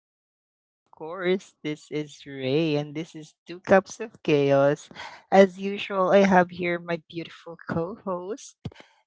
Once again, of course, this is Ray and this is Two Cups of Chaos. As usual, I have here my beautiful co host.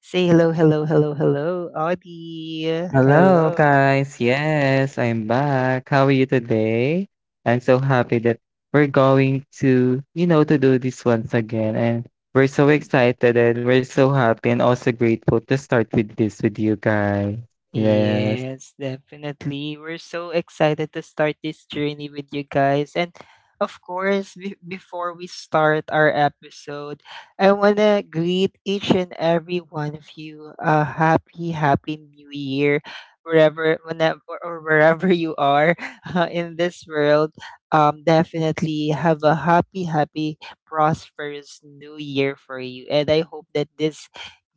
Say hello, hello, hello, hello, Audie. Hello, Hello. guys. Yes, I'm back. How are you today? I'm so happy that we're going to, to do this once again. And we're so excited and we're so happy and also grateful to start with this with you guys. Yes. Yes, definitely. We're so excited to start this journey with you guys. And of course, before we start our episode, I want to greet each and every one of you a happy, happy new year, wherever, whenever, or wherever you are in this world. Definitely have a happy, happy, prosperous new year for you. And I hope that this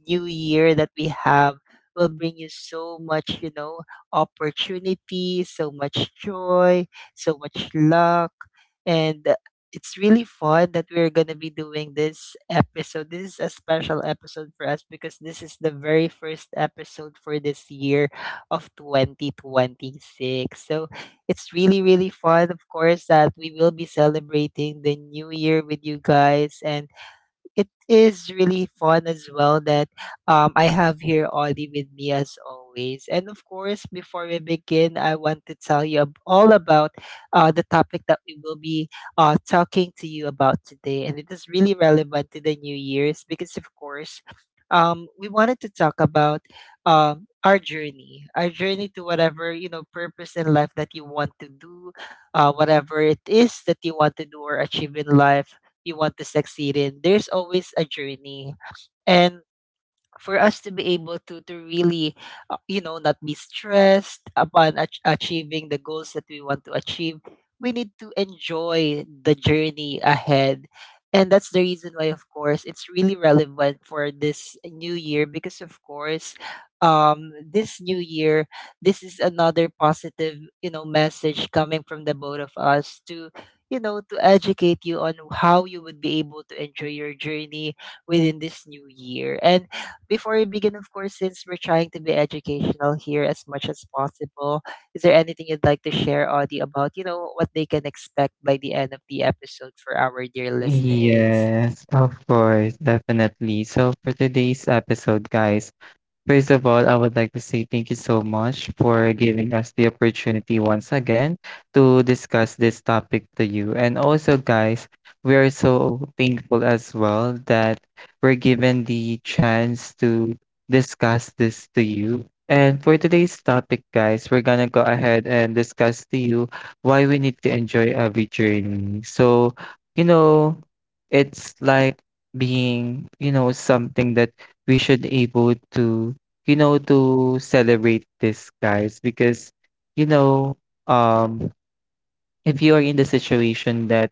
new year that we have will bring you so much, opportunity, so much joy, so much luck. And it's really fun that we're going to be doing this episode. This is a special episode for us because this is the very first episode for this year of 2026. So it's really, really fun, of course, that we will be celebrating the new year with you guys. And it is really fun as well that I have here Ollie with me as always. And of course, before we begin, I want to tell you all about the topic that we will be talking to you about today. And it is really relevant to the New Year's because, of course, we wanted to talk about our journey to whatever you know purpose in life that you want to do, whatever it is that you want to do or achieve in life you want to succeed in, there's always a journey. And for us to be able to really you know not be stressed upon achieving the goals that we want to achieve, we need to enjoy the journey ahead. And that's the reason why, of course, it's really relevant for this new year, because of course this new year, this is another positive you know message coming from the both of us to you know to educate you on how you would be able to enjoy your journey within this new year. And before we begin, of course, since we're trying to be educational here as much as possible, is there anything you'd like to share, Audie, about, you know, what they can expect by the end of the episode for our dear listeners? Yes, of course, definitely. So for today's episode, guys, first of all, I would like to say thank you so much for giving us the opportunity once again to discuss this topic to you. And also, guys, we are so thankful as well that we're given the chance to discuss this to you. And for today's topic, guys, we're gonna go ahead and discuss to you why we need to enjoy every journey. So, you know, it's like being, you know, something that we should able to to celebrate this, guys, because, you know, um, if you are in the situation that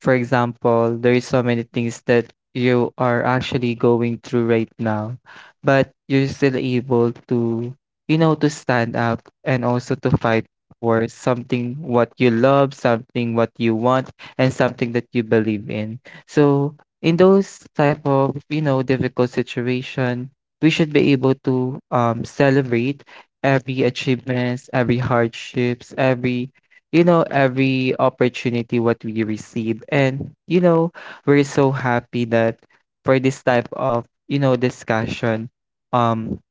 for example, there is so many things that you are actually going through right now, but you're still able to, to stand up and also to fight for something what you love, something what you want, and something that you believe in. So in those type of, you know, difficult situation, we should be able to celebrate every achievements, every hardships, every you know, every opportunity what we receive. And, you know, we're so happy that for this type of, you know, discussion, um,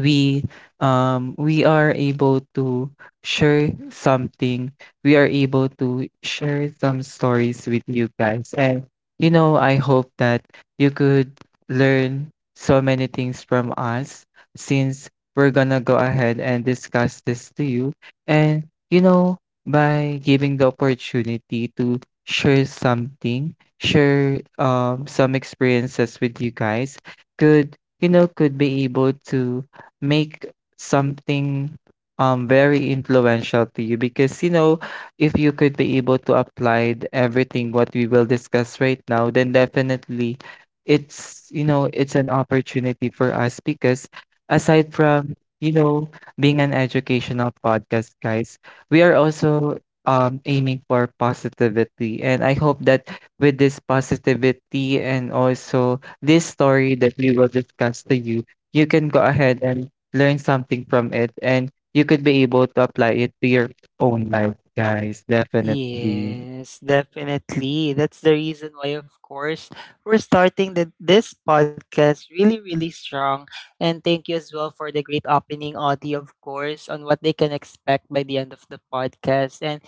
we we are able to share something, we are able to share some stories with you guys. And you know, I hope that you could learn so many things from us since we're gonna go ahead and discuss this to you. And you know, by giving the opportunity to share something, share some experiences with you guys, could you know could be able to make something very influential to you. Because you know, if you could be able to apply everything what we will discuss right now, then definitely it's you know it's an opportunity for us because aside from you know being an educational podcast, guys, we are also aiming for positivity. And I hope that with this positivity and also this story that we will discuss to you, you can go ahead and learn something from it and you could be able to apply it to your own life, guys. Definitely. Yes, definitely. That's the reason why, of course, we're starting this podcast really, really strong. And thank you as well for the great opening, Audie, of course, on what they can expect by the end of the podcast. And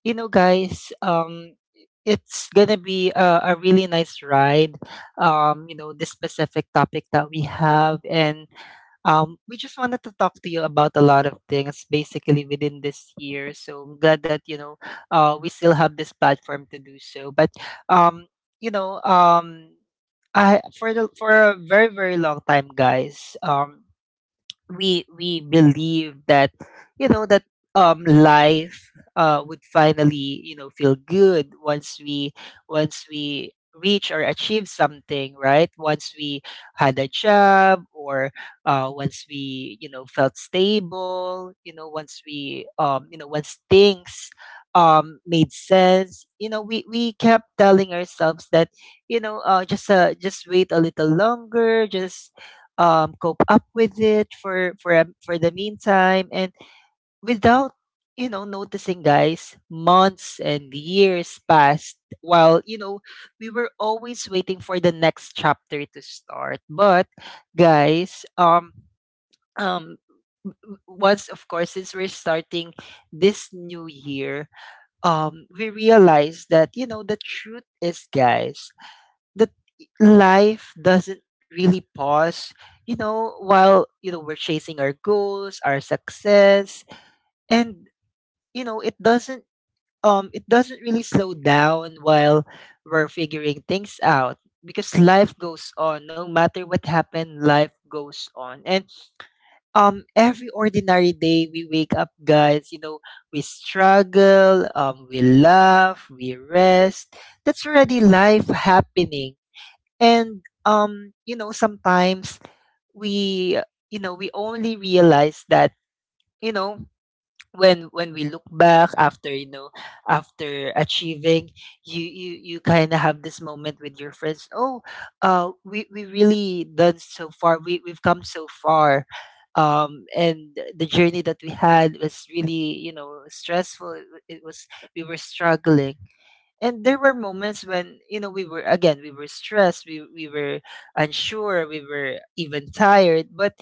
you know guys it's gonna be a really nice ride, you know, this specific topic that we have. And we just wanted to talk to you about a lot of things basically within this year, so I'm glad that you know we still have this platform to do so. But um you know I for the for a very, very long time, guys, we believe that you know that life would finally you know feel good once we, once we reach or achieve something, right? Once we had a job, or once we you know felt stable, you know, once we you know once things made sense, you know, we kept telling ourselves that you know just wait a little longer, just cope up with it for for the meantime. And without you know noticing, guys, months and years passed while you know we were always waiting for the next chapter to start. But guys, um, once of course since we're starting this new year, we realized that you know the truth is, guys, that life doesn't really pause, you know, while you know we're chasing our goals, our success. And you know it doesn't really slow down while we're figuring things out, because life goes on no matter what happened. Life goes on. And every ordinary day we wake up, guys, you know we struggle, we laugh, we rest. That's already life happening. And, you know, sometimes we, you know, we only realize that, you know, when we look back after, you know, after achieving, you kind of have this moment with your friends. Oh, we really done so far. We've come so far. And the journey that we had was really, you know, stressful. It was, we were struggling, and there were moments when you know we were again, we were stressed, we were unsure, we were even tired. But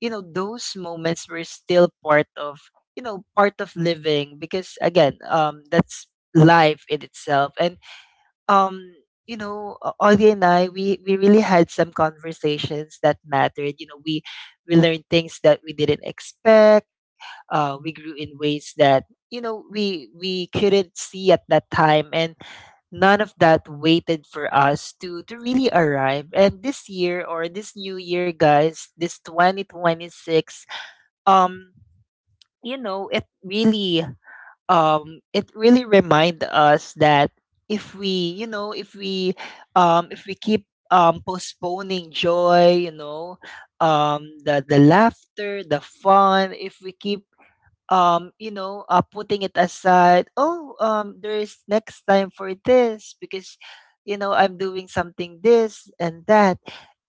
you know those moments were still part of you know part of living, because again that's life in itself. And um you know Audie and I, we really had some conversations that mattered, you know, we learned things that we didn't expect, we grew in ways that you know we couldn't see at that time. And none of that waited for us to really arrive. And this year, or this new year, guys, this 2026, um you know it really remind us that if we, you know, if we keep postponing joy, you know, the laughter, the fun, if we keep you know, putting it aside. Oh, there is next time for this because, you know, I'm doing something this and that.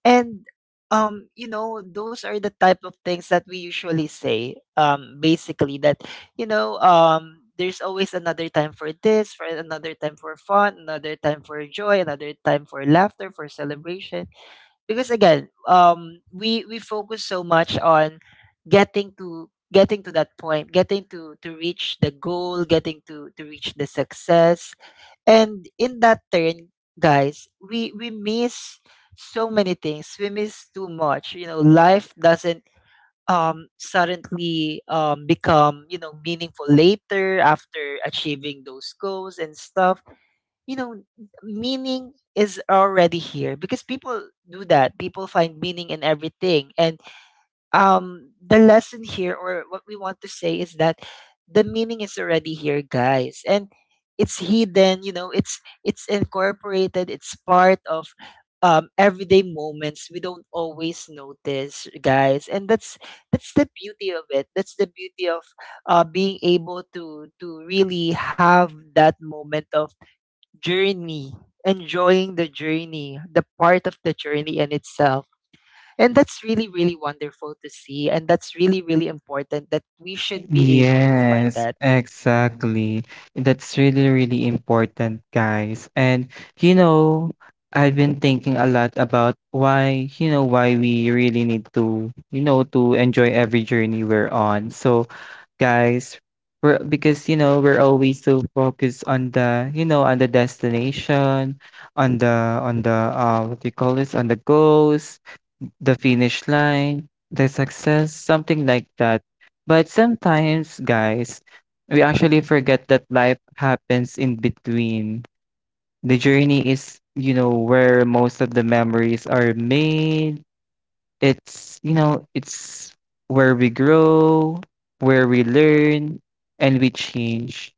And, you know, those are the type of things that we usually say, basically that, you know, there's always another time for this, for another time for fun, another time for joy, another time for laughter, for celebration. Because again we focus so much on getting to that point, getting to reach the goal, getting to reach the success. And in that turn, guys, we miss so many things, we miss too much. You know, life doesn't suddenly become you know meaningful later after achieving those goals and stuff. You know, meaning is already here, because people do that. People find meaning in everything. And the lesson here, or what we want to say, is that the meaning is already here, guys. And it's hidden, you know, it's incorporated, it's part of everyday moments we don't always notice, guys. And that's the beauty of it, that's the beauty of being able to really have that moment of journey, enjoying the journey, the part of the journey in itself. And that's really, really wonderful to see. And that's really, really important that we should be able to find that. Yes, exactly. That's really, really important, guys. And, you know, I've been thinking a lot about why, you know, why we really need to, to enjoy every journey we're on. So, guys, we're because, you know, we're always so focused on the, you know, on the destination, on the, what do you call this, on the goals, the finish line, the success, something like that. But sometimes, guys, we actually forget that life happens in between. The journey is, you know, where most of the memories are made, it's, you know, it's where we grow, where we learn, and we change.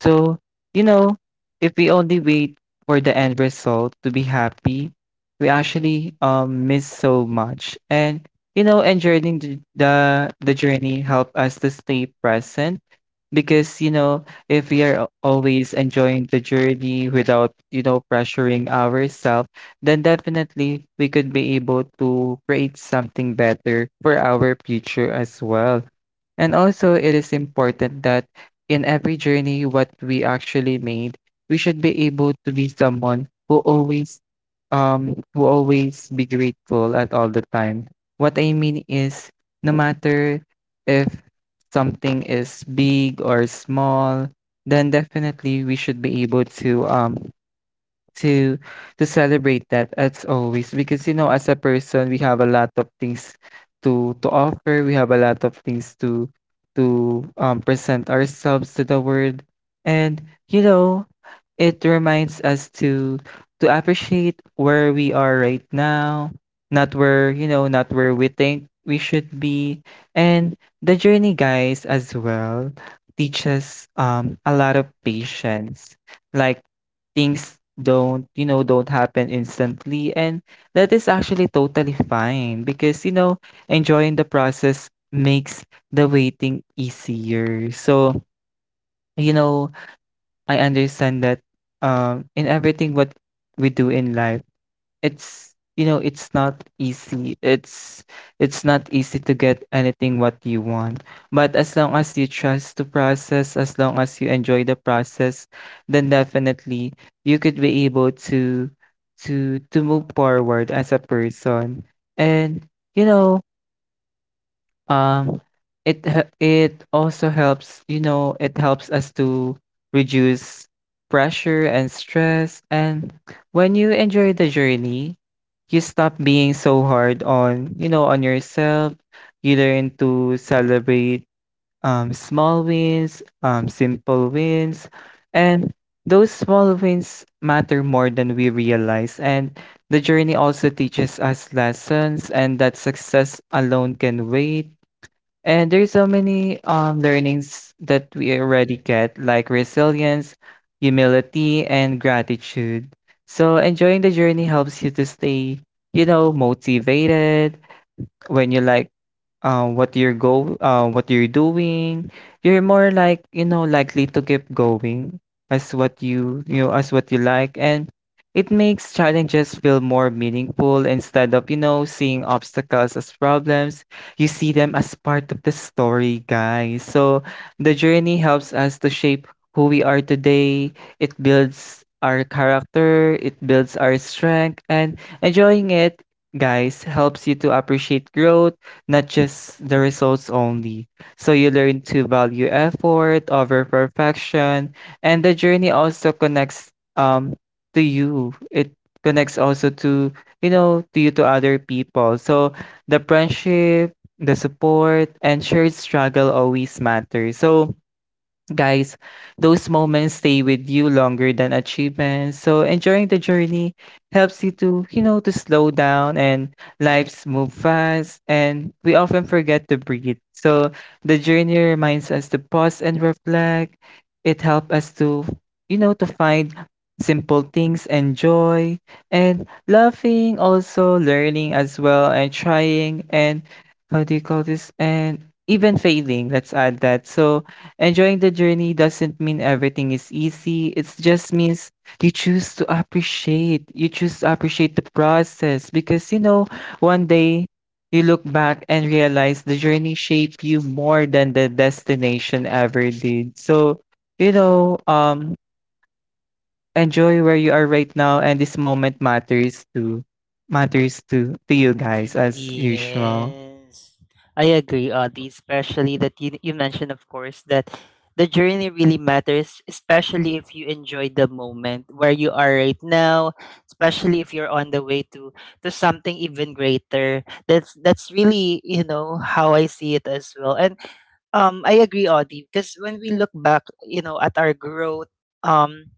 So, you know, if we only wait for the end result to be happy, we actually miss so much. And you know, enjoying the journey help us to stay present. Because you know if we are always enjoying the journey without you know pressuring ourselves, then definitely we could be able to create something better for our future as well. And also, it is important that in every journey, what we actually made, we should be able to be someone who always be grateful at all the time. What I mean is, no matter if something is big or small, then definitely we should be able to to to celebrate that as always. Because you know as a person we have a lot of things to offer, we have a lot of things to present ourselves to the world. And you know, it reminds us to appreciate where we are right now, not where, you know, not where we think we should be. And the journey, guys, as well teaches a lot of patience. Like things don't, you know, don't happen instantly, and that is actually totally fine because, you know, enjoying the process makes the waiting easier. So, you know, I understand that in everything what we do in life, it's you know it's not easy. It's not easy to get anything what you want. But as long as you trust the process, as long as you enjoy the process, then definitely you could be able to to move forward as a person. And you know um, it also helps, you know, it helps us to reduce pressure and stress. And when you enjoy the journey, you stop being so hard on, you know, on yourself. You learn to celebrate small wins, simple wins, and those small wins matter more than we realize. And the journey also teaches us lessons and that success alone can wait, and there's so many learnings that we already get, like resilience, humility, and gratitude. So enjoying the journey helps you to stay, you know, motivated. When you like, what you're doing, you're more like, you know, likely to keep going as what you know, as what you like. And it makes challenges feel more meaningful instead of, you know, seeing obstacles as problems. You see them as part of the story, guys. So the journey helps us to shape who we are today. It builds our character, it builds our strength, and enjoying it, guys, helps you to appreciate growth, not just the results only. So you learn to value effort over perfection, and the journey also connects um to you. It connects also to you know to you to other people. So the friendship, the support, and shared struggle always matter. So, guys, those moments stay with you longer than achievements. So enjoying the journey helps you to, to slow down, and lives move fast and we often forget to breathe. So the journey reminds us to pause and reflect. It helps us to, to find simple things and joy, and laughing also, learning as well, and trying, and how do you call this, and even failing, let's add that. So enjoying the journey doesn't mean everything is easy. It just means you choose to appreciate. You choose to appreciate the process because, you know, one day you look back and realize the journey shaped you more than the destination ever did. So, you know, um, enjoy where you are right now, and this moment matters to to you, guys, as usual. Yes, I agree, Audie, especially that you mentioned, of course, that the journey really matters, especially if you enjoy the moment where you are right now, especially if you're on the way to something even greater. That's really, you know, how I see it as well. And I agree, Audie, because when we look back, you know, at our growth, um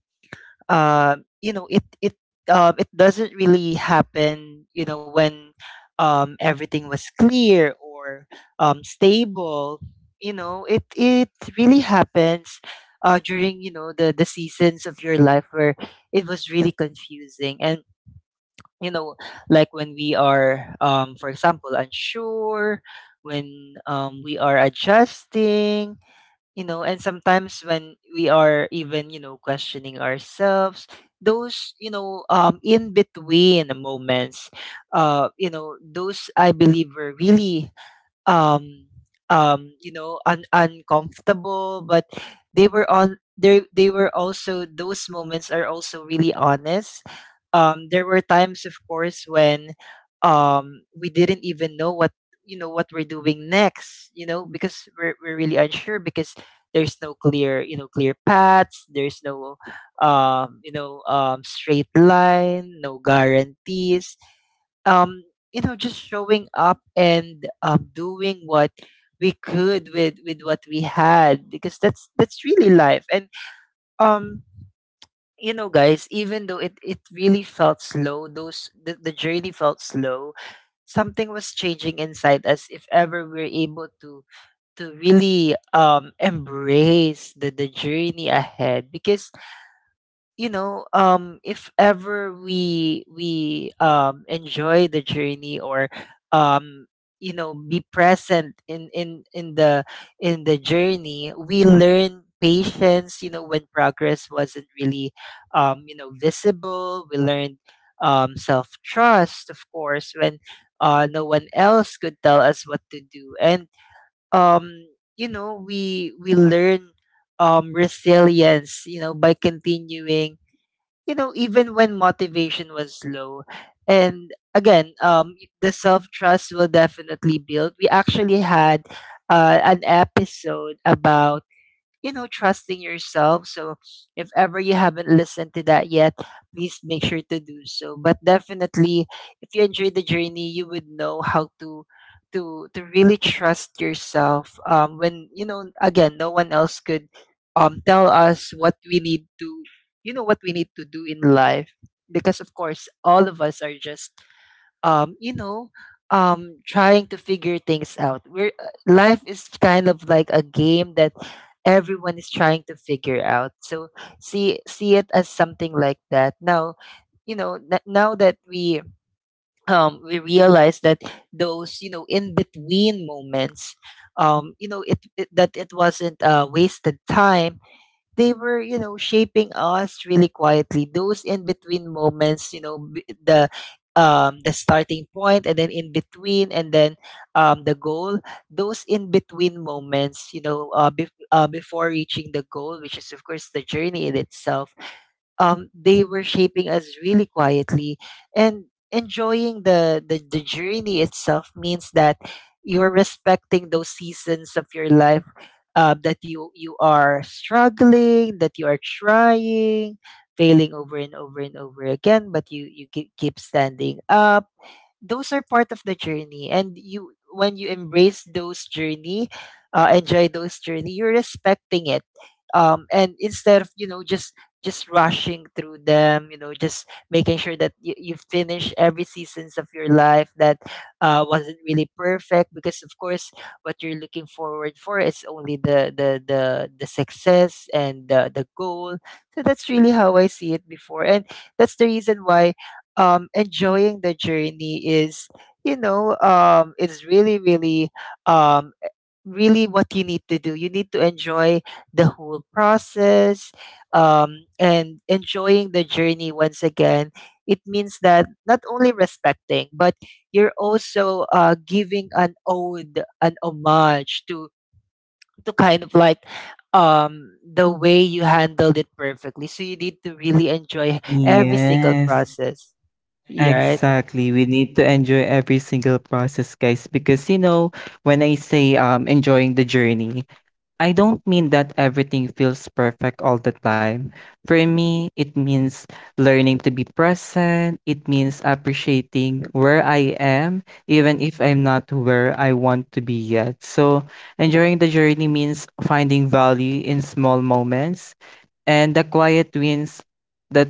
you know it it it doesn't really happen you know when everything was clear or stable. You know it it really happens during you know the seasons of your life where it was really confusing. And you know like when we are for example, unsure, when we are adjusting, you know, and sometimes when we are even you know questioning ourselves, those you know in between moments, you know, those I believe were really um you know uncomfortable. But they were also, those moments are also really honest. There were times, of course, when we didn't even know what you know what we're doing next. You know, because we're really unsure because there's no clear you know clear paths. There's no you know straight line, no guarantees. Um, you know, just showing up and doing what we could with what we had, because that's really life. And um you know, guys, even though it really felt slow, those the journey felt slow, something was changing inside us if ever we're able to really embrace the journey ahead. Because you know if ever we enjoy the journey, or um you know, be present in in the in the journey, we learn patience, you know, when progress wasn't really you know visible. We learned self trust, of course, when no one else could tell us what to do. And um you know we learn resilience, you know, by continuing, you know, even when motivation was low. And again, the self trust will definitely build. We actually had an episode about trusting yourself. So if ever you haven't listened to that yet, please make sure to do so. But definitely, if you enjoy the journey, you would know how to to really trust yourself. When again, no one else could tell us what we need to, what we need to do in life. Because of course, all of us are just um, you know, trying to figure things out. We're Life is kind of like a game that everyone is trying to figure out. So see it as something like that. Now, now that we realize that those in between moments you know it, it that it wasn't wasted time. They were shaping us really quietly, those in between moments. The starting point and then in between and then the goal, those in between moments, before reaching the goal, which is of course the journey in itself. They were shaping us really quietly, and enjoying the journey itself means that you're respecting those seasons of your life, that you are struggling, that you are trying, failing over and over and over again, but you keep standing up. Those are part of the journey, and you when you embrace those journey, enjoy those journey, you're respecting it. And instead of just rushing through them, just making sure that you finish every seasons of your life that wasn't really perfect, because of course what you're looking forward for is only the success and the goal. So that's really how I see it before, and that's the reason why enjoying the journey is, it's really, really, um, really what you need to do. You need to enjoy the whole process, and enjoying the journey once again. It means that not only respecting, but you're also giving an ode, an homage to kind of like the way you handled it perfectly. So you need to really enjoy every single Yes. process. Yeah. Exactly. We need to enjoy every single process, guys. Because you know, when I say enjoying the journey, I don't mean that everything feels perfect all the time. For me, it means learning to be present. It means appreciating where I am, even if I'm not where I want to be yet. So, enjoying the journey means finding value in small moments and the quiet wins that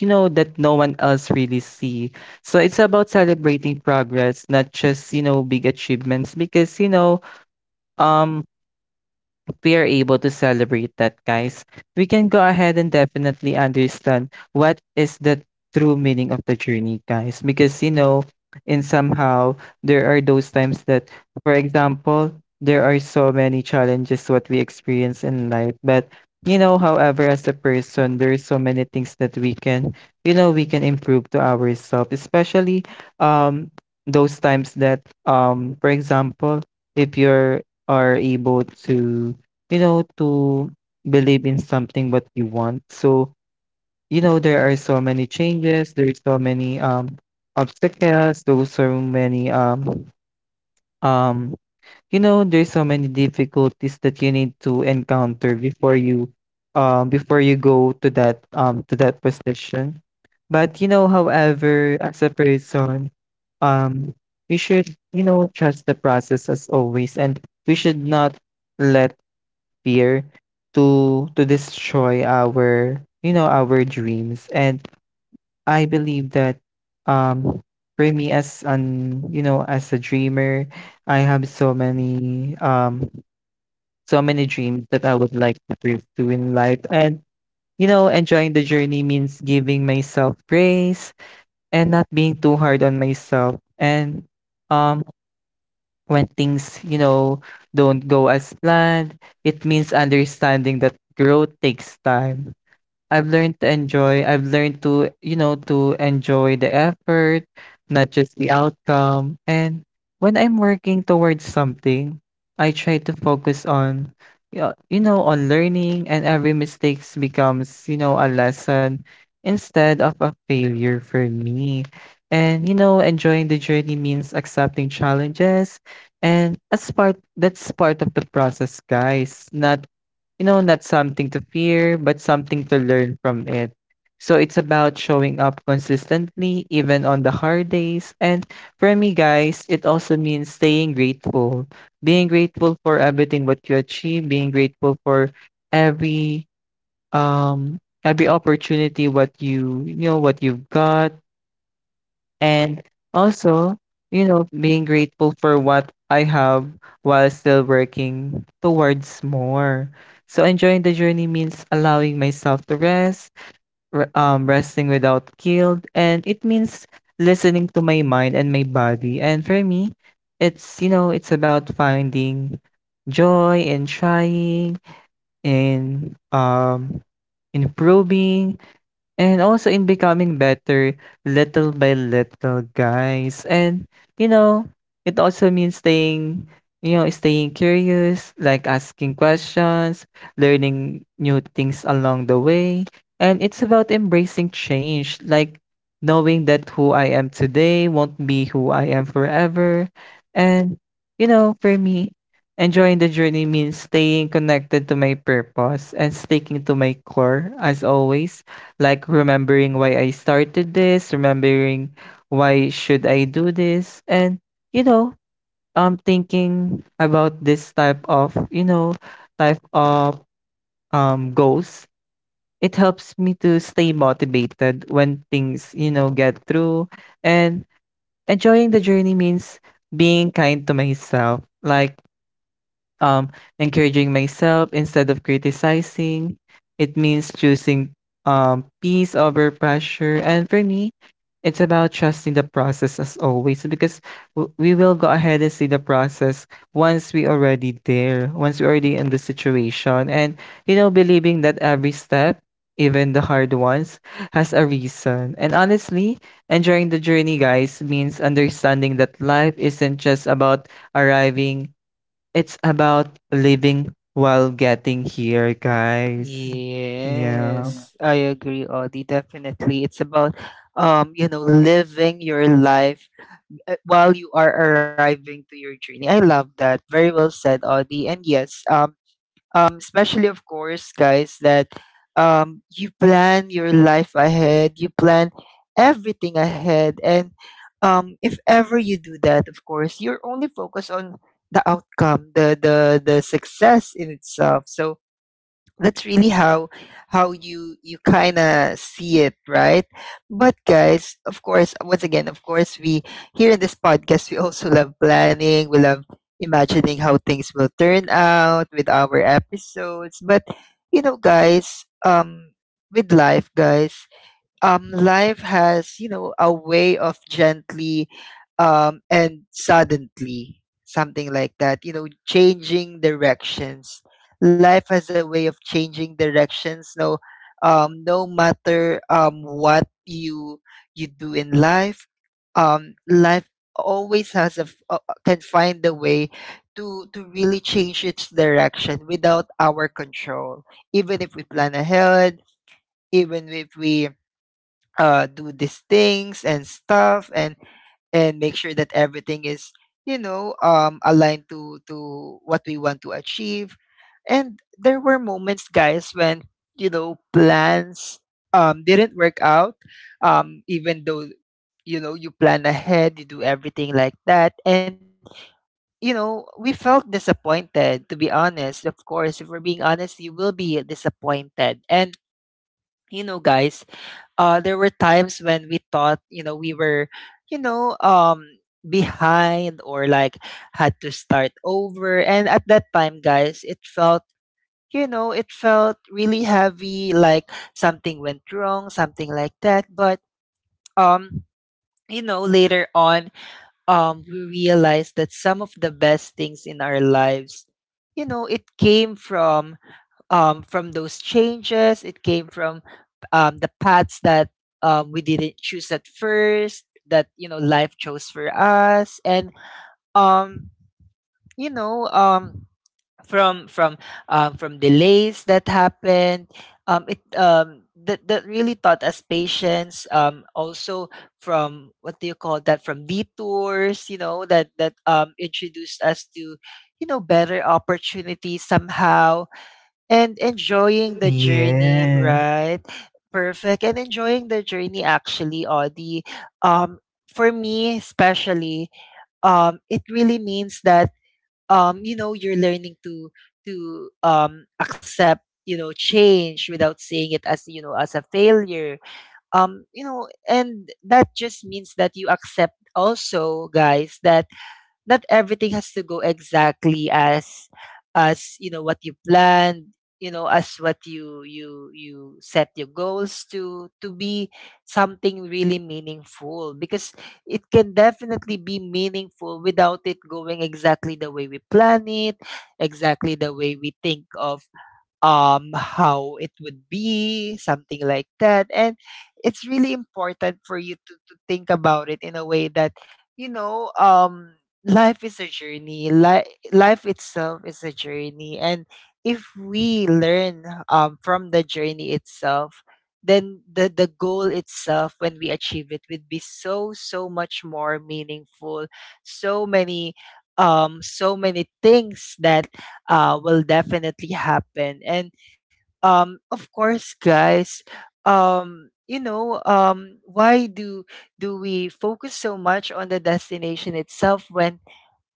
you know that no one else really see. So it's about celebrating progress, not just you know big achievements. Because you know um we are able to celebrate that, guys, we can go ahead and definitely understand what is the true meaning of the journey, guys. Because, you know, in somehow, there are those times that, for example, there are so many challenges what we experience in life. But, you know, however, as a person, there is so many things that we can, you know, we can improve to ourselves, especially um, those times that, for example, if you're are able to to believe in something what you want. So, you know, there are so many changes, there's so many obstacles, there's so many um you know, there's so many difficulties that you need to encounter before you go to that to that position. But you know, however, as a person, um we should, you know, trust the process as always. And we should not let fear to destroy our you know our dreams. And I believe that um for me as an you know as a dreamer, I have so many so many dreams that I would like to pursue in life. And you know, enjoying the journey means giving myself grace and not being too hard on myself. And um when things, you know, don't go as planned. It means understanding that growth takes time. I've learned to, you know, to enjoy the effort, not just the outcome. And when I'm working towards something, I try to focus on yeah, you know, on learning, and every mistakes becomes, you know, a lesson instead of a failure for me. And you know, enjoying the journey means accepting challenges and as part that's part of the process, guys. Not you know, not something to fear, but something to learn from it. So it's about showing up consistently, even on the hard days. And for me, guys, it also means staying grateful, being grateful for everything what you achieve, being grateful for every um every opportunity what you've got and also, you know, being grateful for what I have while still working towards more. So enjoying the journey means allowing myself to rest, resting without guilt, and it means listening to my mind and my body. And for me, it's about finding joy in trying, in improving, and also in becoming better little by little, guys. And you know, it also means staying curious, like asking questions, learning new things along the way. And it's about embracing change, like knowing that who I am today won't be who I am forever. And you know, for me, enjoying the journey means staying connected to my purpose and sticking to my core as always, like remembering why I started this, remembering why should I do this, and you know, thinking about this type of goals. It helps me to stay motivated when things get through, and enjoying the journey means being kind to myself. Like um, encouraging myself instead of criticizing. It means choosing peace over pressure. And for me, it's about trusting the process as always, because we will go ahead and see the process once we already there, once we already in the situation. And, you know, believing that every step, even the hard ones, has a reason. And honestly, enjoying the journey, guys, means understanding that life isn't just about arriving. It's about living while getting here, guys. Yeah. Yes, I agree, Audie. Definitely. It's about living your life while you are arriving to your journey. I love that. Very well said, Audie. And yes, especially of course, guys, that you plan your life ahead, you plan everything ahead. And if ever you do that, of course, you're only focused on the outcome, the success in itself. So that's really how you kind of see it, right? But guys, of course, once again, of course, we here in this podcast we also love planning, we love imagining how things will turn out with our episodes. But you know, guys, with life, guys, life has you know a way of gently and suddenly something like that, you know, changing directions. Life has a way of changing directions, no no matter what you do in life. Life always has can find a way to really change its direction without our control, even if we plan ahead, even if we do these things and stuff, and make sure that everything is aligned to what we want to achieve. And there were moments, guys, when you know plans didn't work out, even though you know you plan ahead, you do everything like that. And you know, we felt disappointed, to be honest. Of course, if we're being honest, you will be disappointed. And you know, guys, there were times when we thought, you know, we were, you know, um, behind or like had to start over. And at that time, guys, it felt, you know, it felt really heavy, like something went wrong, something like that. But, um, you know, later on, we realized that some of the best things in our lives, you know, it came from those changes. It came from the paths that we didn't choose at first, that you know life chose for us, and um, you know um, from from from delays that happened. It That that really taught us patience. Also from what do you call that? From detours, you know that that introduced us to you know better opportunities somehow. And enjoying the journey, Yeah. right? Perfect. And enjoying the journey actually, Audie. Um, for me especially, it really means that you know, you're learning to accept, you know, change without seeing it as, you know, as a failure. You know, and that just means that you accept also, guys, that not everything has to go exactly as you know what you planned, you know, as what you set your goals to be, something really meaningful. Because it can definitely be meaningful without it going exactly the way we plan it, exactly the way we think of how it would be, something like that. And it's really important for you to think about it in a way that you know um life is a journey. Life itself is a journey. And if we learn from the journey itself, then the goal itself when we achieve it would be so so much more meaningful. So many so many things that will definitely happen. And of course, guys, why do we focus so much on the destination itself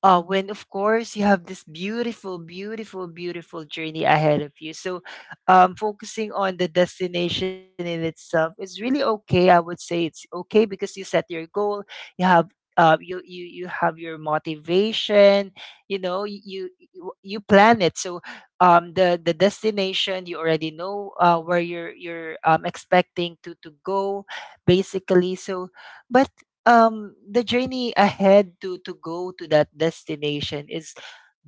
when of course you have this beautiful, beautiful, beautiful journey ahead of you. So, focusing on the destination in itself is really okay. I would say it's okay because you set your goal. You have you you you have your motivation. You know you plan it. So, the destination you already know where you're expecting to go, basically. So, but the journey ahead to go to that destination is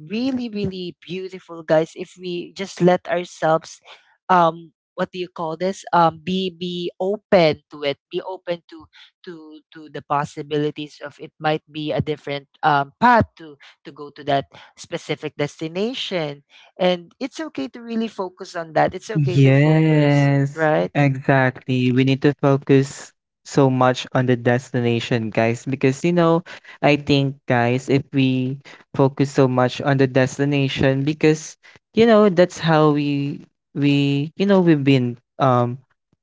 really really beautiful, guys, if we just let ourselves what do you call this, be open to it, be open to the possibilities of it. Might be a different path to go to that specific destination. And it's okay to really focus on that. It's okay to focus, Yes, right? exactly. We need to focus so much on the destination, guys, because you know, I think, guys, if we focus so much on the destination, because you know, that's how we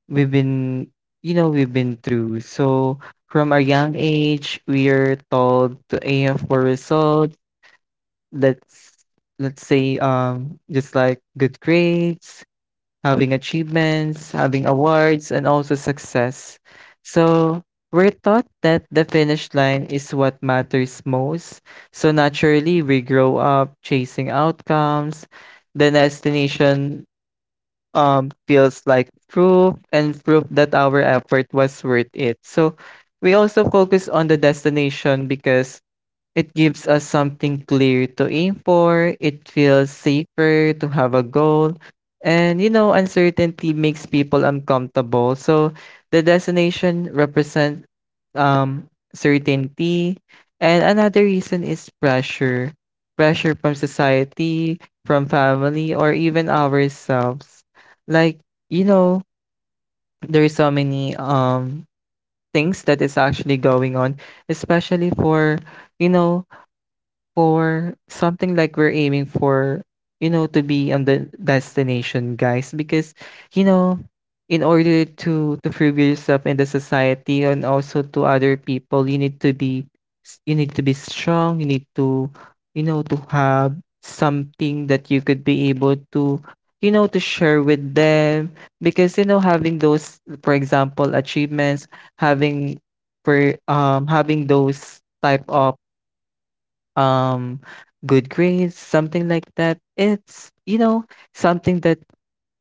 we've been you know we've been through. So from a young age, we are told to aim for results. Let's let's say just like good grades, having achievements, having awards, and also success. So we're taught that the finish line is what matters most. So naturally, we grow up chasing outcomes. The destination feels like proof that our effort was worth it. So we also focus on the destination because it gives us something clear to aim for. It feels safer to have a goal. And you know, uncertainty makes people uncomfortable. So the destination represents certainty. And another reason is pressure. Pressure from society, from family, or even ourselves. Like, you know, there is so many things that is actually going on, especially for, you know, for something like we're aiming for, you know, to be on the destination, guys, because you know, in order to prove yourself in the society and also to other people, you need to be strong. You need to, you know, to have something that you could be able to, you know, to share with them, because you know having those, for example, achievements, having having those type of um good grades, something like that, it's you know something that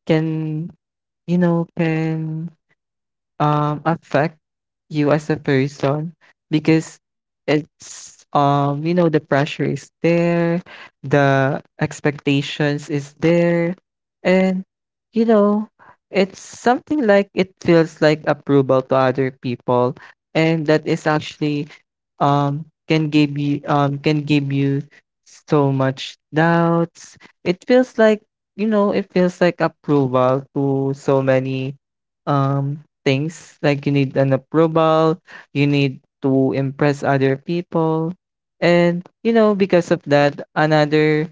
can can affect you as a person, because it's you know the pressure is there, the expectations is there, and you know, it's something like it feels like approval to other people, and that is actually can give you so much doubts. It feels like you know it feels like approval to so many um things, like you need an approval, you need to impress other people. And you know, because of that, another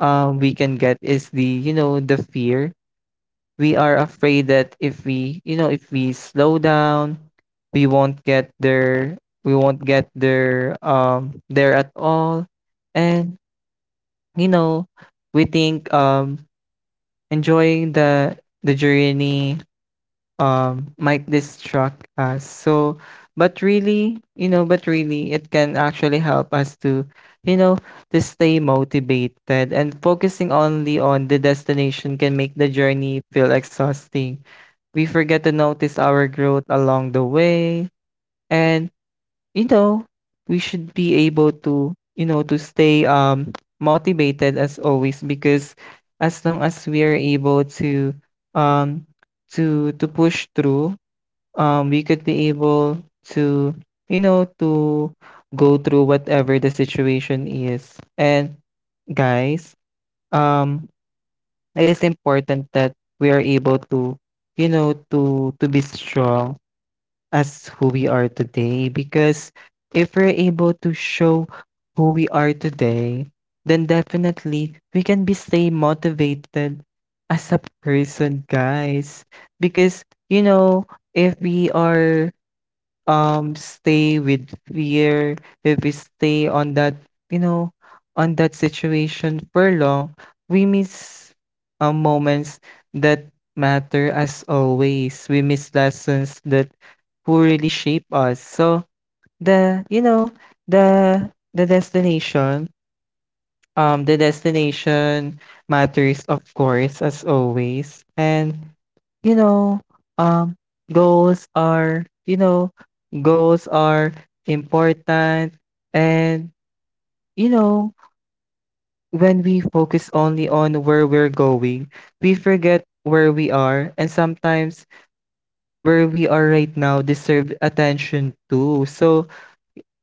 we can get is the fear. We are afraid that if we slow down, we won't get there, we won't get there at all. And you know, we think enjoying the journey might distract us, so but really it can actually help us to you know to stay motivated, and focusing only on the destination can make the journey feel exhausting. We forget to notice our growth along the way, and you know, we should be able to you know to stay motivated as always, because as long as we are able um to push through, we could be able to, to go through whatever the situation is. And guys, um, it is important that we are able to, you know, to be strong as who we are today. Because if we're able to show who we are today, then definitely we can be stay motivated as a person, guys. Because you know, if we are stay with fear, if we stay you know, on that situation for long, we miss moments that matter as always. We miss lessons that who really shape us. So the you know the the destination the destination matters, of course, as always, and you know um goals are you know goals are important, and you know, when we focus only on where we're going, we forget where we are, and sometimes where we are right now deserve attention too. So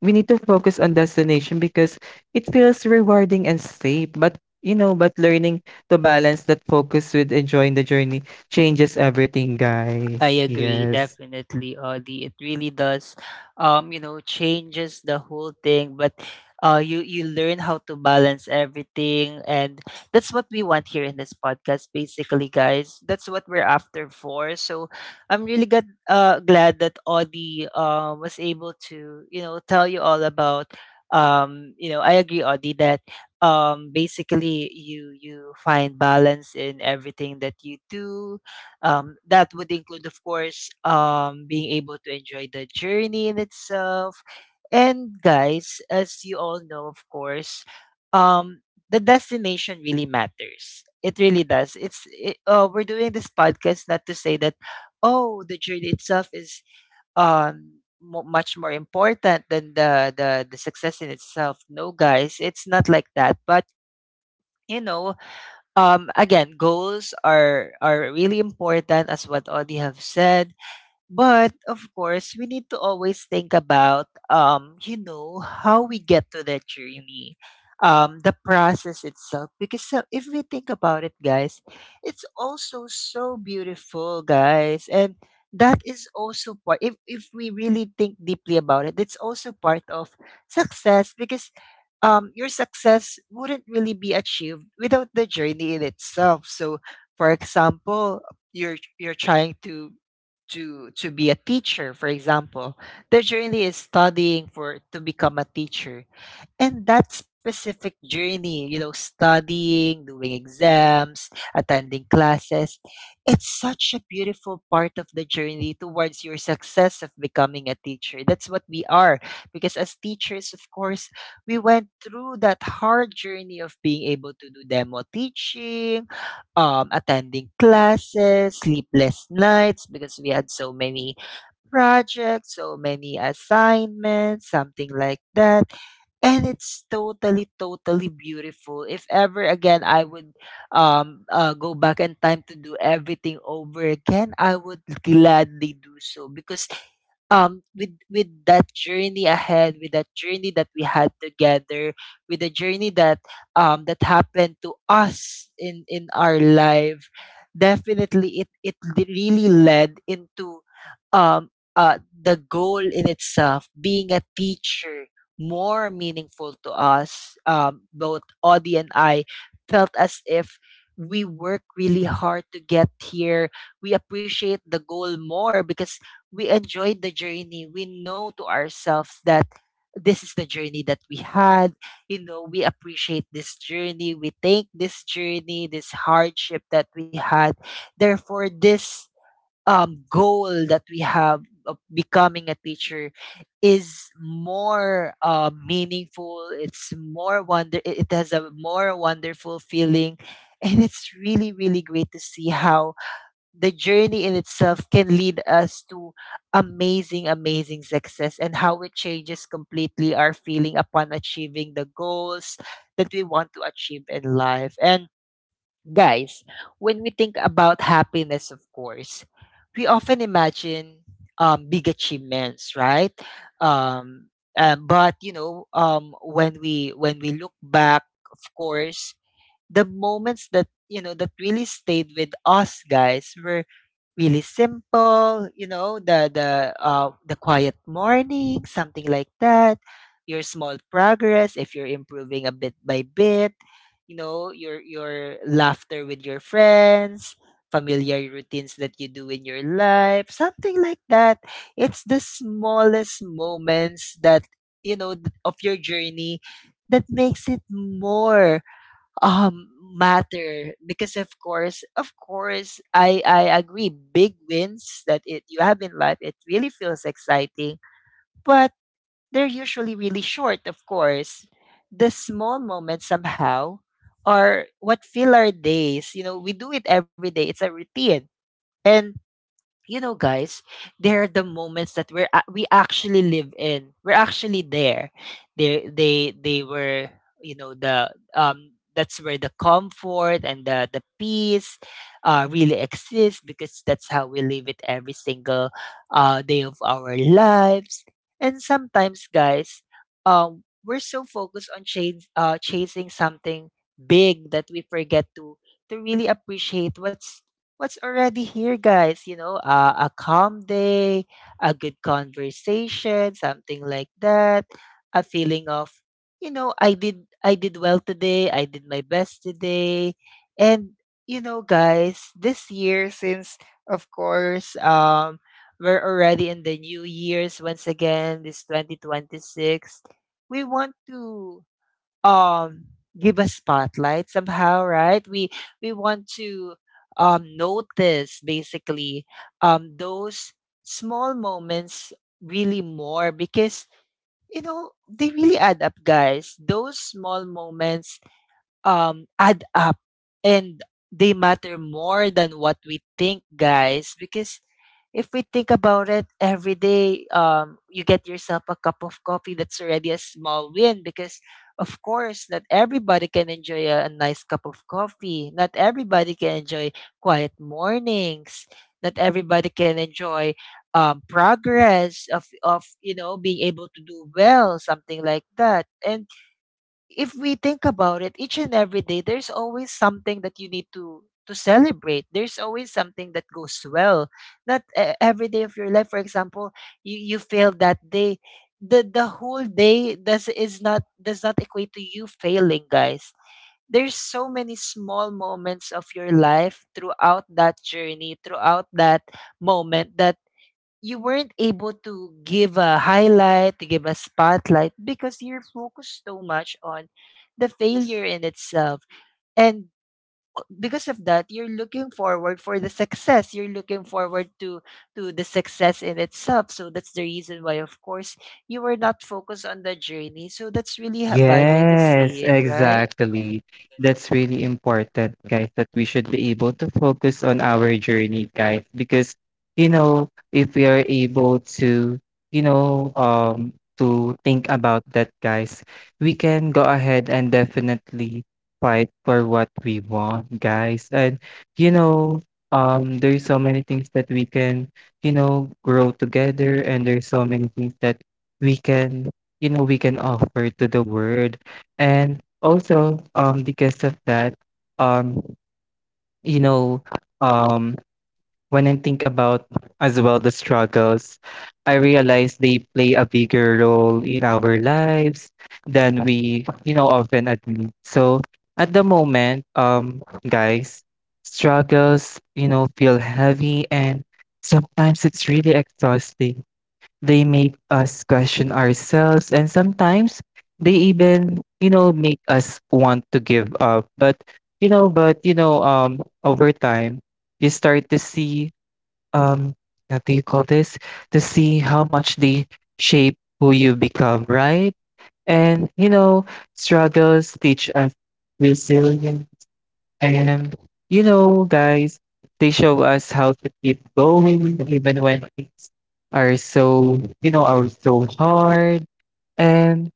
we need to focus on destination because it feels rewarding and safe. But learning to balance that focus with enjoying the journey changes everything, guys. I agree, Yes. definitely, Audie. It really does, you know, changes the whole thing. But you you learn how to balance everything, and that's what we want here in this podcast, basically, guys. That's what we're after for. So I'm really glad, glad that Audie was able to, you know, tell you all about. You know, I agree, Audie, that basically you you find balance in everything that you do, that would include, of course, being able to enjoy the journey in itself. And guys, as you all know, of course, um, the destination really matters. It really does. It's it, we're doing this podcast not to say that, oh, the journey itself is mo much more important than the success in itself. No, guys, it's not like that. But you know, again, goals are really important as what Audie have said. But of course, we need to always think about, you know, how we get to that journey, the process itself. Because if we think about it, guys, it's also so beautiful, guys, and that is also part. If we really think deeply about it, it's also part of success because. Your success wouldn't really be achieved without the journey in itself. So, for example, you're trying to be a teacher, for example. Their journey is studying for to become a teacher, and that specific journey, you know, studying, doing exams, attending classes, it's such a beautiful part of the journey towards your success of becoming a teacher. That's what we are. Because as teachers, of course, we went through that hard journey of being able to do demo teaching, attending classes, sleepless nights because we had so many projects, so many assignments, something like that. And it's totally, totally beautiful. If ever again I would go back in time to do everything over again, I would gladly do so because with that journey ahead, with that journey that we had together, with the journey that that happened to us in our life, definitely it really led into um the goal in itself, being a teacher, more meaningful to us. Both Audie and I felt as if we work really hard to get here. We appreciate the goal more because we enjoyed the journey. We know to ourselves that this is the journey that we had. You know, we appreciate this journey. We thank this journey, this hardship that we had. Therefore, this goal that we have of becoming a teacher is more meaningful. It's more wonder. It has a more wonderful feeling, and it's really, really great to see how the journey in itself can lead us to amazing, amazing success, and how it changes completely our feeling upon achieving the goals that we want to achieve in life. And guys, when we think about happiness, of course, we often imagine big achievements, right? Um, but you know, when we look back, of course, the moments that you know that really stayed with us, guys, were really simple, you know, the the quiet morning, something like that. Your small progress, if you're improving a bit by bit, you know, your laughter with your friends, familiar routines that you do in your life, something like that. It's the smallest moments that you know of your journey that makes it more um matter, because of course, I agree, big wins that it you have in life, it really feels exciting, but they're usually really short. Of course, the small moments somehow are what fill our days. You know, we do it every day, it's a routine. And you know, guys, they're the moments that we actually live in. We're actually there. They were, you know, the that's where the comfort and the peace really exists, because that's how we live it every single day of our lives. And sometimes, guys, we're so focused on chasing something big that we forget to really appreciate what's already here, guys. You know, a calm day, a good conversation, something like that. A feeling of, you know, I did well today. I did my best today. And you know, guys, this year, since of course, we're already in the new years once again. This 2026, we want to um give a spotlight somehow, right? We want to notice basically those small moments really more, because you know, they really add up, guys. Those small moments add up, and they matter more than what we think, guys, because if we think about it every day, you get yourself a cup of coffee, that's already a small win, because of course, not everybody can enjoy a nice cup of coffee. Not everybody can enjoy quiet mornings. Not everybody can enjoy progress of you know, being able to do well, something like that. And if we think about it, each and every day, there's always something that you need to celebrate. There's always something that goes well. Not every day of your life, for example, you failed that day. The whole day does is not does not equate to you failing, guys. There's so many small moments of your life throughout that journey, throughout that moment, that you weren't able to give a highlight, to give a spotlight, because you're focused so much on the failure in itself. And because of that, you're looking forward for the success. You're looking forward to the success in itself. So that's the reason why, of course, you were not focused on the journey. So that's really a bad way to Yes, see it, right? exactly. That's really important, guys, that we should be able to focus on our journey, guys, because, you know, if we are able you know, um, to think about that, guys, we can go ahead and definitely fight for what we want, guys. And, you know, there's so many things that we can grow together, and there's so many things that we can we can offer to the world. And also, because of that, um, you know, um, when I think about as well the struggles, I realize they play a bigger role in our lives than we often admit. So at the moment, guys, struggles feel heavy, and sometimes it's really exhausting. They make us question ourselves, and sometimes they even make us want to give up. But, over time, you start to see, um, what do you call this? To see how much they shape who you become, right? And, you know, struggles teach us resilience, and you know, guys, they show us how to keep going even when things are so hard. And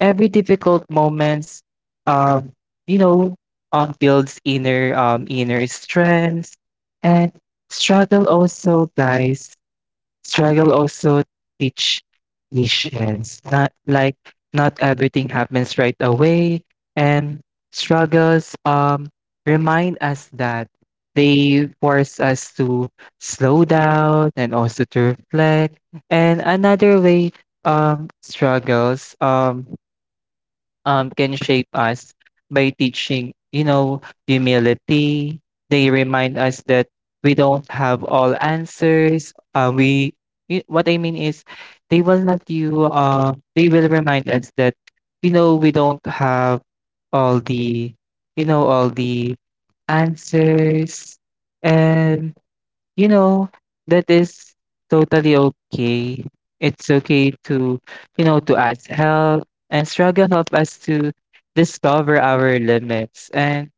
every difficult moments, um, you know, builds inner strength, and struggle also, guys. Struggle also teach patience. Not everything happens right away, and struggles remind us that they force us to slow down and also to reflect. And another way struggles can shape us by teaching humility. They remind us that we don't have all answers. What I mean is, they will not you. They will remind us that, you know, we don't have all the, all the answers, and You know, that is totally okay. It's okay to ask help, and struggle help us to discover our limits. And,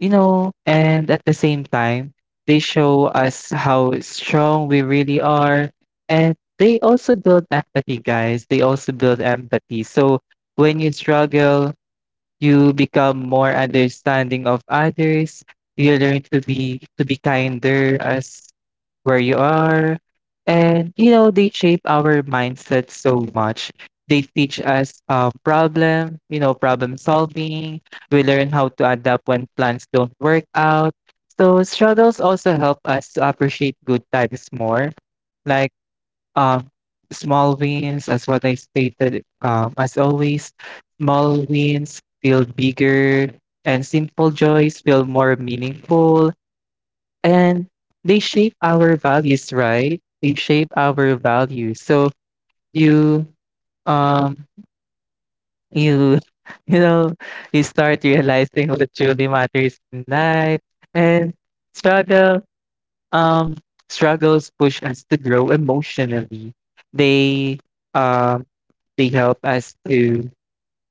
you know, and at the same time, they show us how strong we really are. And they also build empathy, guys. They also build empathy. So when you struggle, you become more understanding of others. You learn to be kinder as where you are. And you know, they shape our mindset so much. They teach us problem, problem solving. We learn how to adapt when plans don't work out. So struggles also help us to appreciate good times more, like um, small wins, as what I stated, as always, small wins feel bigger and simple joys feel more meaningful. And they shape our values, right? They shape our values. So you um you you know you start realizing what truly matters in life, and struggle um struggles push us to grow emotionally. They um they help us to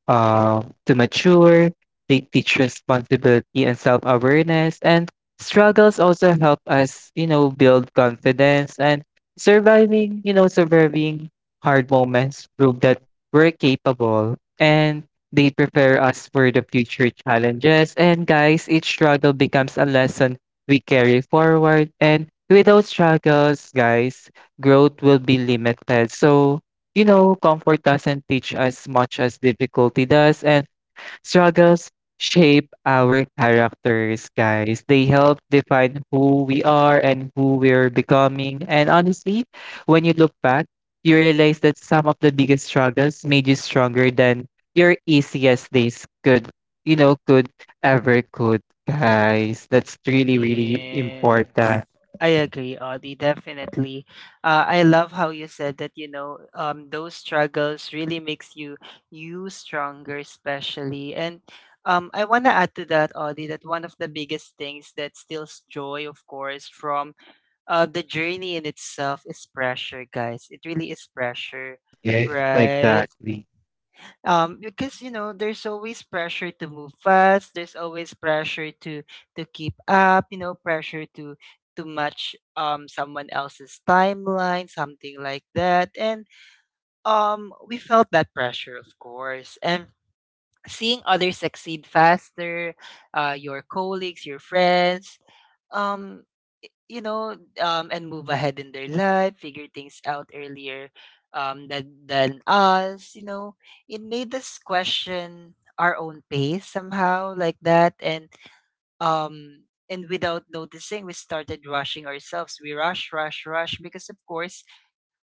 uh, to mature. They teach responsibility and self awareness. And struggles also help us build confidence, and surviving hard moments prove that we're capable, and they prepare us for the future challenges. And guys, each struggle becomes a lesson we carry forward. And without struggles, guys, growth will be limited. So, you know, comfort doesn't teach us much as difficulty does, and struggles shape our characters, guys. They help define who we are and who we're becoming. And honestly, when you look back, you realize that some of the biggest struggles made you stronger than your easiest days could, you know, could ever could, guys. That's really, really Yeah. important. I agree, Audie, definitely. I love how you said that, you know, those struggles really makes you stronger, especially. And I want to add to that, Audie, that one of the biggest things that steals joy, of course, from the journey in itself is pressure, guys. It really is pressure, Yes, right? exactly. Because you know, there's always pressure to move fast, there's always pressure to keep up, you know, pressure to match someone else's timeline, something like that. And we felt that pressure, of course, and seeing others succeed faster, your colleagues, your friends, um you know, and move ahead in their life, figure things out earlier than us, you know. It made us question our own pace somehow, like that. And um, and without noticing, we started rushing ourselves. We rush because, of course,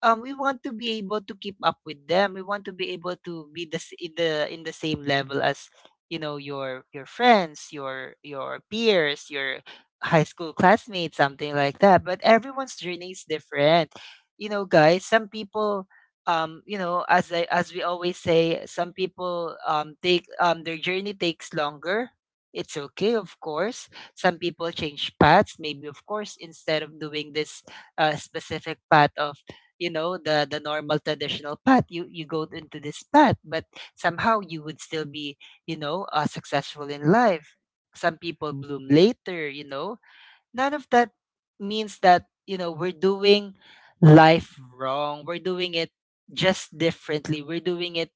we want to be able to keep up with them. We want to be able to be in the same level as, you know, your friends, your peers, your high school classmates, something like that. But everyone's journey is different, you know, guys. Some people, you know, as I as we always say, some people take their journey takes longer. It's okay, of course. Some people change paths. Maybe, of course, instead of doing this specific path of, you know, the normal traditional path, you go into this path, but somehow you would still be, you know, successful in life. Some people bloom later, you know. None of that means that, you know, we're doing life wrong. We're doing it just differently. We're doing it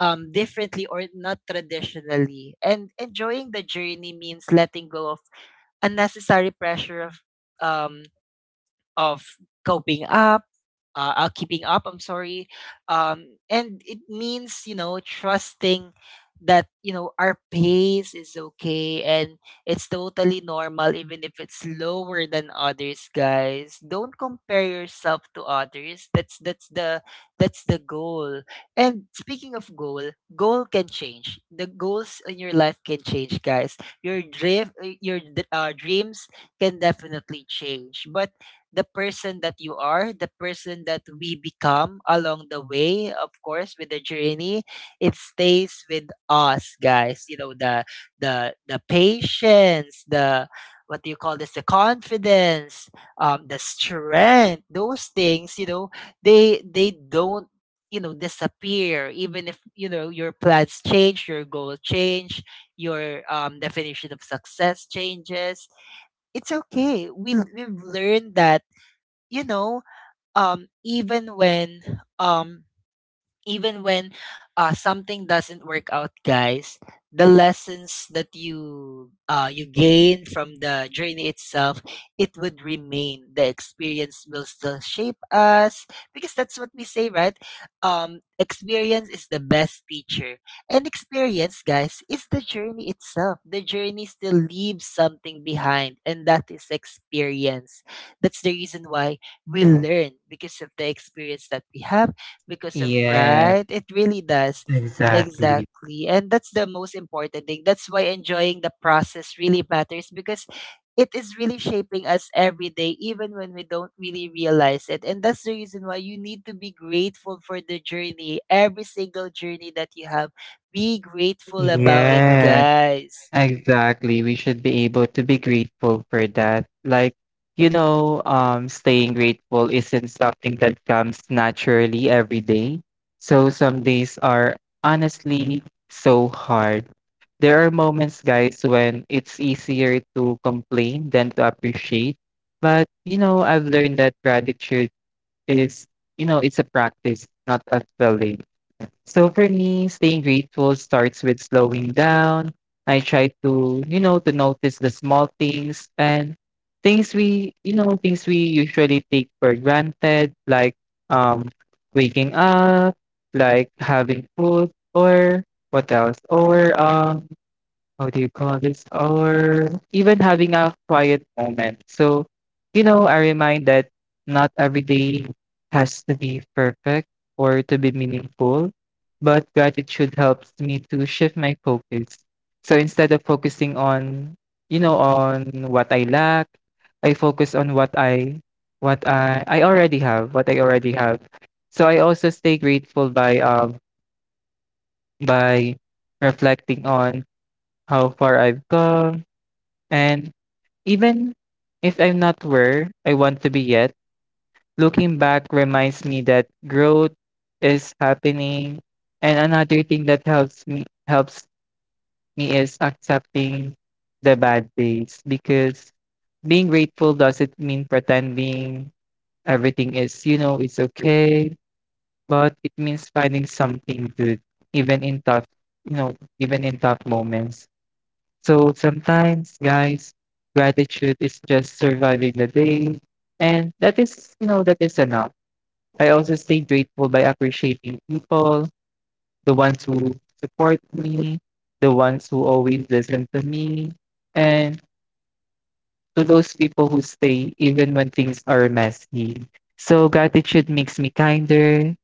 differently or not traditionally. And enjoying the journey means letting go of unnecessary pressure of um of coping up, keeping up. I'm sorry. And it means, you know, trusting that, you know, our pace is okay, and it's totally normal, even if it's lower than others. Guys, don't compare yourself to others. That's that's the goal. And speaking of goal, can change, the goals in your life can change, guys. Your dreams can definitely change, but the person that you are, the person that we become along the way, of course, with the journey, it stays with us, guys. You know, the the patience, the, what do you call this, the confidence, the strength, those things, you know, they don't, you know, disappear, even if, you know, your plans change, your goal change, your definition of success changes. It's okay. We we've learned that, you know, um, even when um, even when something doesn't work out, guys, the lessons that you you gain from the journey itself, it would remain. The experience will still shape us, because that's what we say, right? Experience is the best teacher. And experience, guys, is the journey itself. The journey still leaves something behind, and that is experience. That's the reason why we learn, because of the experience that we have. Because of, Yeah, right, it really does, exactly. exactly. And that's the most important thing. That's why enjoying the process really matters, because it is really shaping us every day, even when we don't really realize it. And that's the reason why you need to be grateful for the journey, every single journey that you have. Be grateful about it, Yeah. guys. Exactly. We should be able to be grateful for that. Staying grateful isn't something that comes naturally every day. So some days are honestly so hard. There are moments, guys, when it's easier to complain than to appreciate. But, you know, I've learned that gratitude is, it's a practice, not a feeling. So for me, staying grateful starts with slowing down. I try to, to notice the small things and things we usually take for granted, like um waking up, like having food or what else? Or how do you call this, or even having a quiet moment. So, you know, I remind that not every day has to be perfect or to be meaningful, but gratitude helps me to shift my focus. So instead of focusing on, you know, on what I lack, I focus on what I already have, what I already have. So I also stay grateful by by reflecting on how far I've come, and even if I'm not where I want to be yet, looking back reminds me that growth is happening. And another thing that helps me is accepting the bad days, because being grateful doesn't mean pretending everything is, you know, it's okay, but it means finding something good even in tough moments. So sometimes, guys, gratitude is just surviving the day. And that is, you know, that is enough. I also stay grateful by appreciating people, the ones who support me, the ones who always listen to me, and to those people who stay even when things are messy. So gratitude makes me kinder.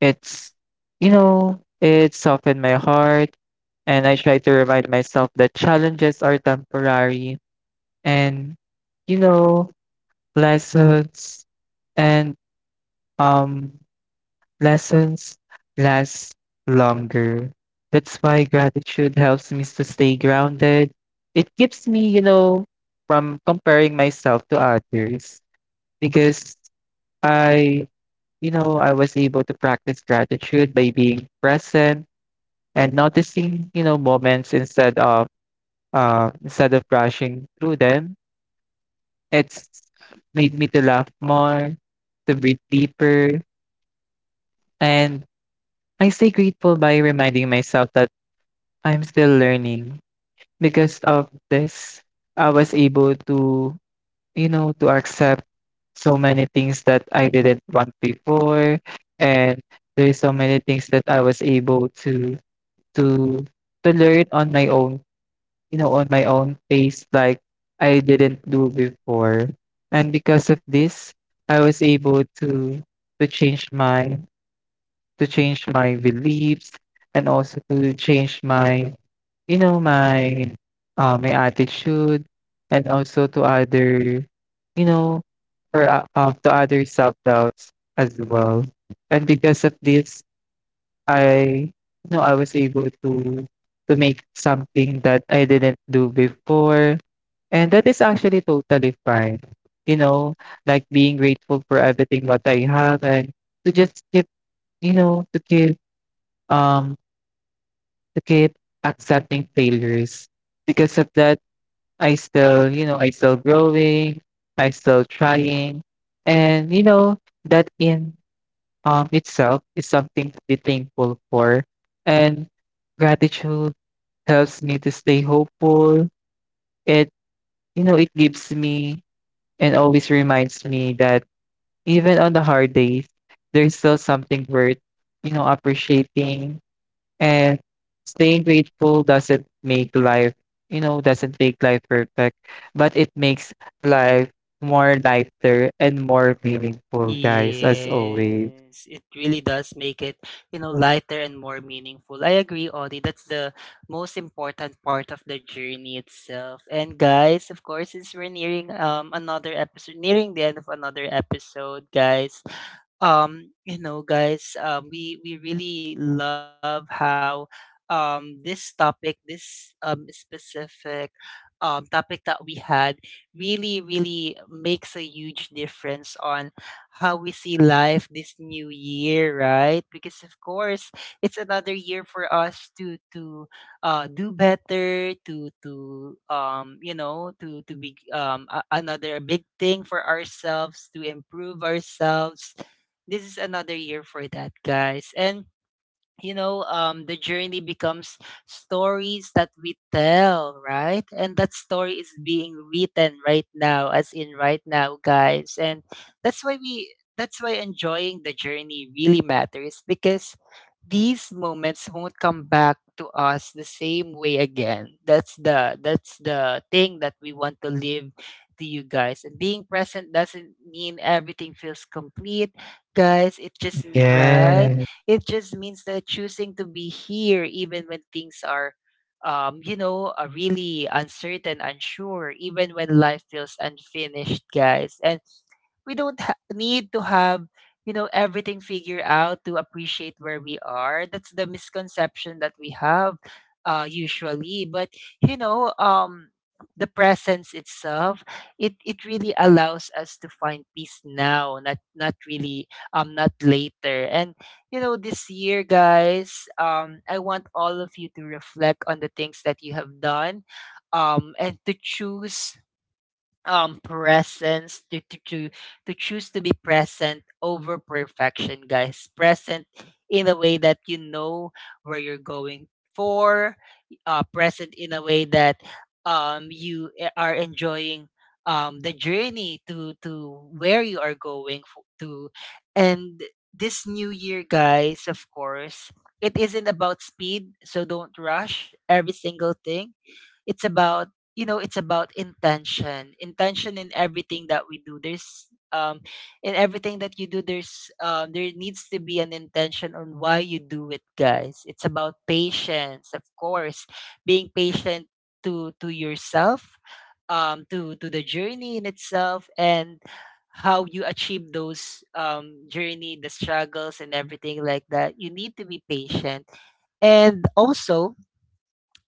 It's, you know, it softened my heart. And I try to remind myself that challenges are temporary, and you know, lessons and um lessons last longer. That's why gratitude helps me to stay grounded. It keeps me, you know, from comparing myself to others, because I, you know, I was able to practice gratitude by being present and noticing, you know, moments instead of rushing through them. It's made me to laugh more, to breathe deeper, and I stay grateful by reminding myself that I'm still learning. Because of this, I was able to, you know, to accept so many things that I didn't want before, and there's so many things that I was able to to to learn on my own, you know, on my own pace, like I didn't do before. And because of this, I was able to to change my change my beliefs, and also to change my you know my my attitude, and also to other you know or to other self doubts as well. And because of this, I you know I was able to make something that I didn't do before, and that is actually totally fine. You know, like being grateful for everything what I have, and to just keep, you know, um to keep accepting failures. Because of that, I still, you know, I still growing, I still trying. And you know, that in itself is something to be thankful for. And gratitude helps me to stay hopeful. It, you know, it gives me and always reminds me that even on the hard days, there's still something worth, you know, appreciating. And staying grateful doesn't make life, you know, doesn't make life perfect, but it makes life more lighter and more meaningful, guys, as always. Yes, it really does make it, you know, lighter and more meaningful. I agree, Audie. That's the most important part of the journey itself. And guys, of course, since we're nearing another episode, nearing the end of another episode, guys, you know, guys, we really love how this topic, this specific topic that we had, really really makes a huge difference on how we see life this new year, right? Because of course, it's another year for us to do better, to you know, to be another big thing for ourselves, to improve ourselves. This is another year for that, guys. And you know, the journey becomes stories that we tell, right? And that story is being written right now, as in right now, guys. And that's why enjoying the journey really matters, because these moments won't come back to us the same way again. That's the thing that we want to live to you, guys. And being present doesn't mean everything feels complete, guys. Right. Yes, It just means that choosing to be here, even when things are, you know, are really uncertain, unsure, even when life feels unfinished, guys. And we don't need to have, you know, everything figured out to appreciate where we are. That's the misconception that we have, usually. But you know, the presence itself, it really allows us to find peace now, not really, not later. And you know, this year, guys, I want all of you to reflect on the things that you have done, and to choose presence to choose to be present over perfection, guys. Present in a way that, you know, where you're going for. Present in a way that are enjoying the journey to where you are going for, to. And this new year, guys, of course, it isn't about speed, so don't rush every single thing. It's about, you know, it's about intention. In everything that we do, there's um in everything that you do there's there needs to be an intention on why you do it, guys. It's about patience, of course. Being patient to yourself, to the journey in itself, and how you achieve those journey, the struggles and everything like that. You need to be patient. And also,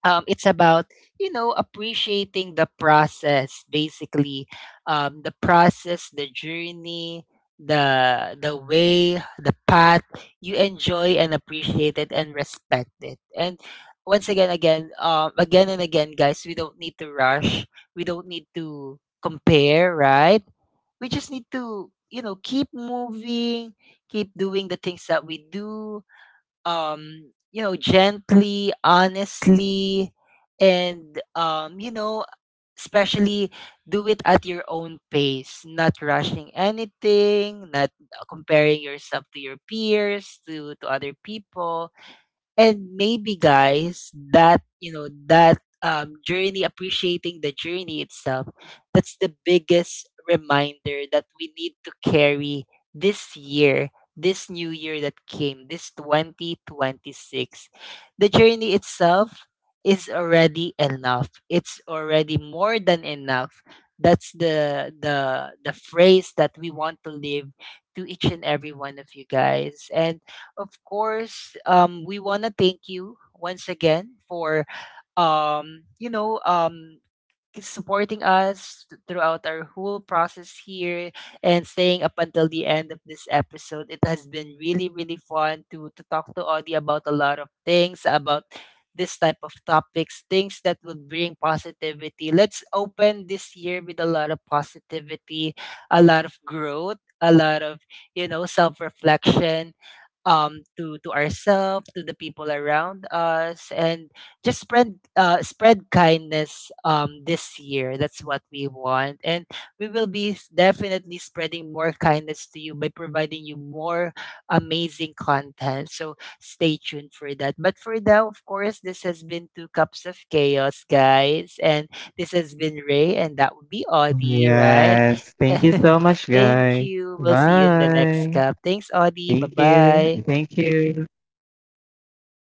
it's about, you know, appreciating the process, basically, the process, the journey, the way, the path, you enjoy and appreciate it and respect it. And once again and again, guys, we don't need to rush. We don't need to compare, right? We just need to, you know, keep moving, keep doing the things that we do, you know, gently, honestly. And you know, especially do it at your own pace, not rushing anything, not comparing yourself to your peers, to other people. And maybe, guys, that you know, that journey, appreciating the journey itself, that's the biggest reminder that we need to carry this year, this new year that came, this 2026. The journey itself is already enough. It's already more than enough. That's the phrase that we want to live to each and every one of you, guys. And of course, we want to thank you once again for you know, supporting us throughout our whole process here, and staying up until the end of this episode. It has been really really fun to talk to Audie about a lot of things, about this type of topics, things that would bring positivity. Let's open this year with a lot of positivity, a lot of growth, a lot of, you know, self reflection to ourselves, to the people around us, and just spread spread kindness this year. That's what we want. And we will be definitely spreading more kindness to you by providing you more amazing content. So stay tuned for that. But for now, of course, this has been Two Cups of Chaos, guys, and this has been Ray, and that would be Audie, right? yes. Thank you so much, Thank guys. you. We'll see you in the next Bye. cup. Thanks, Audie. Bye Thank you. bye. Thank you.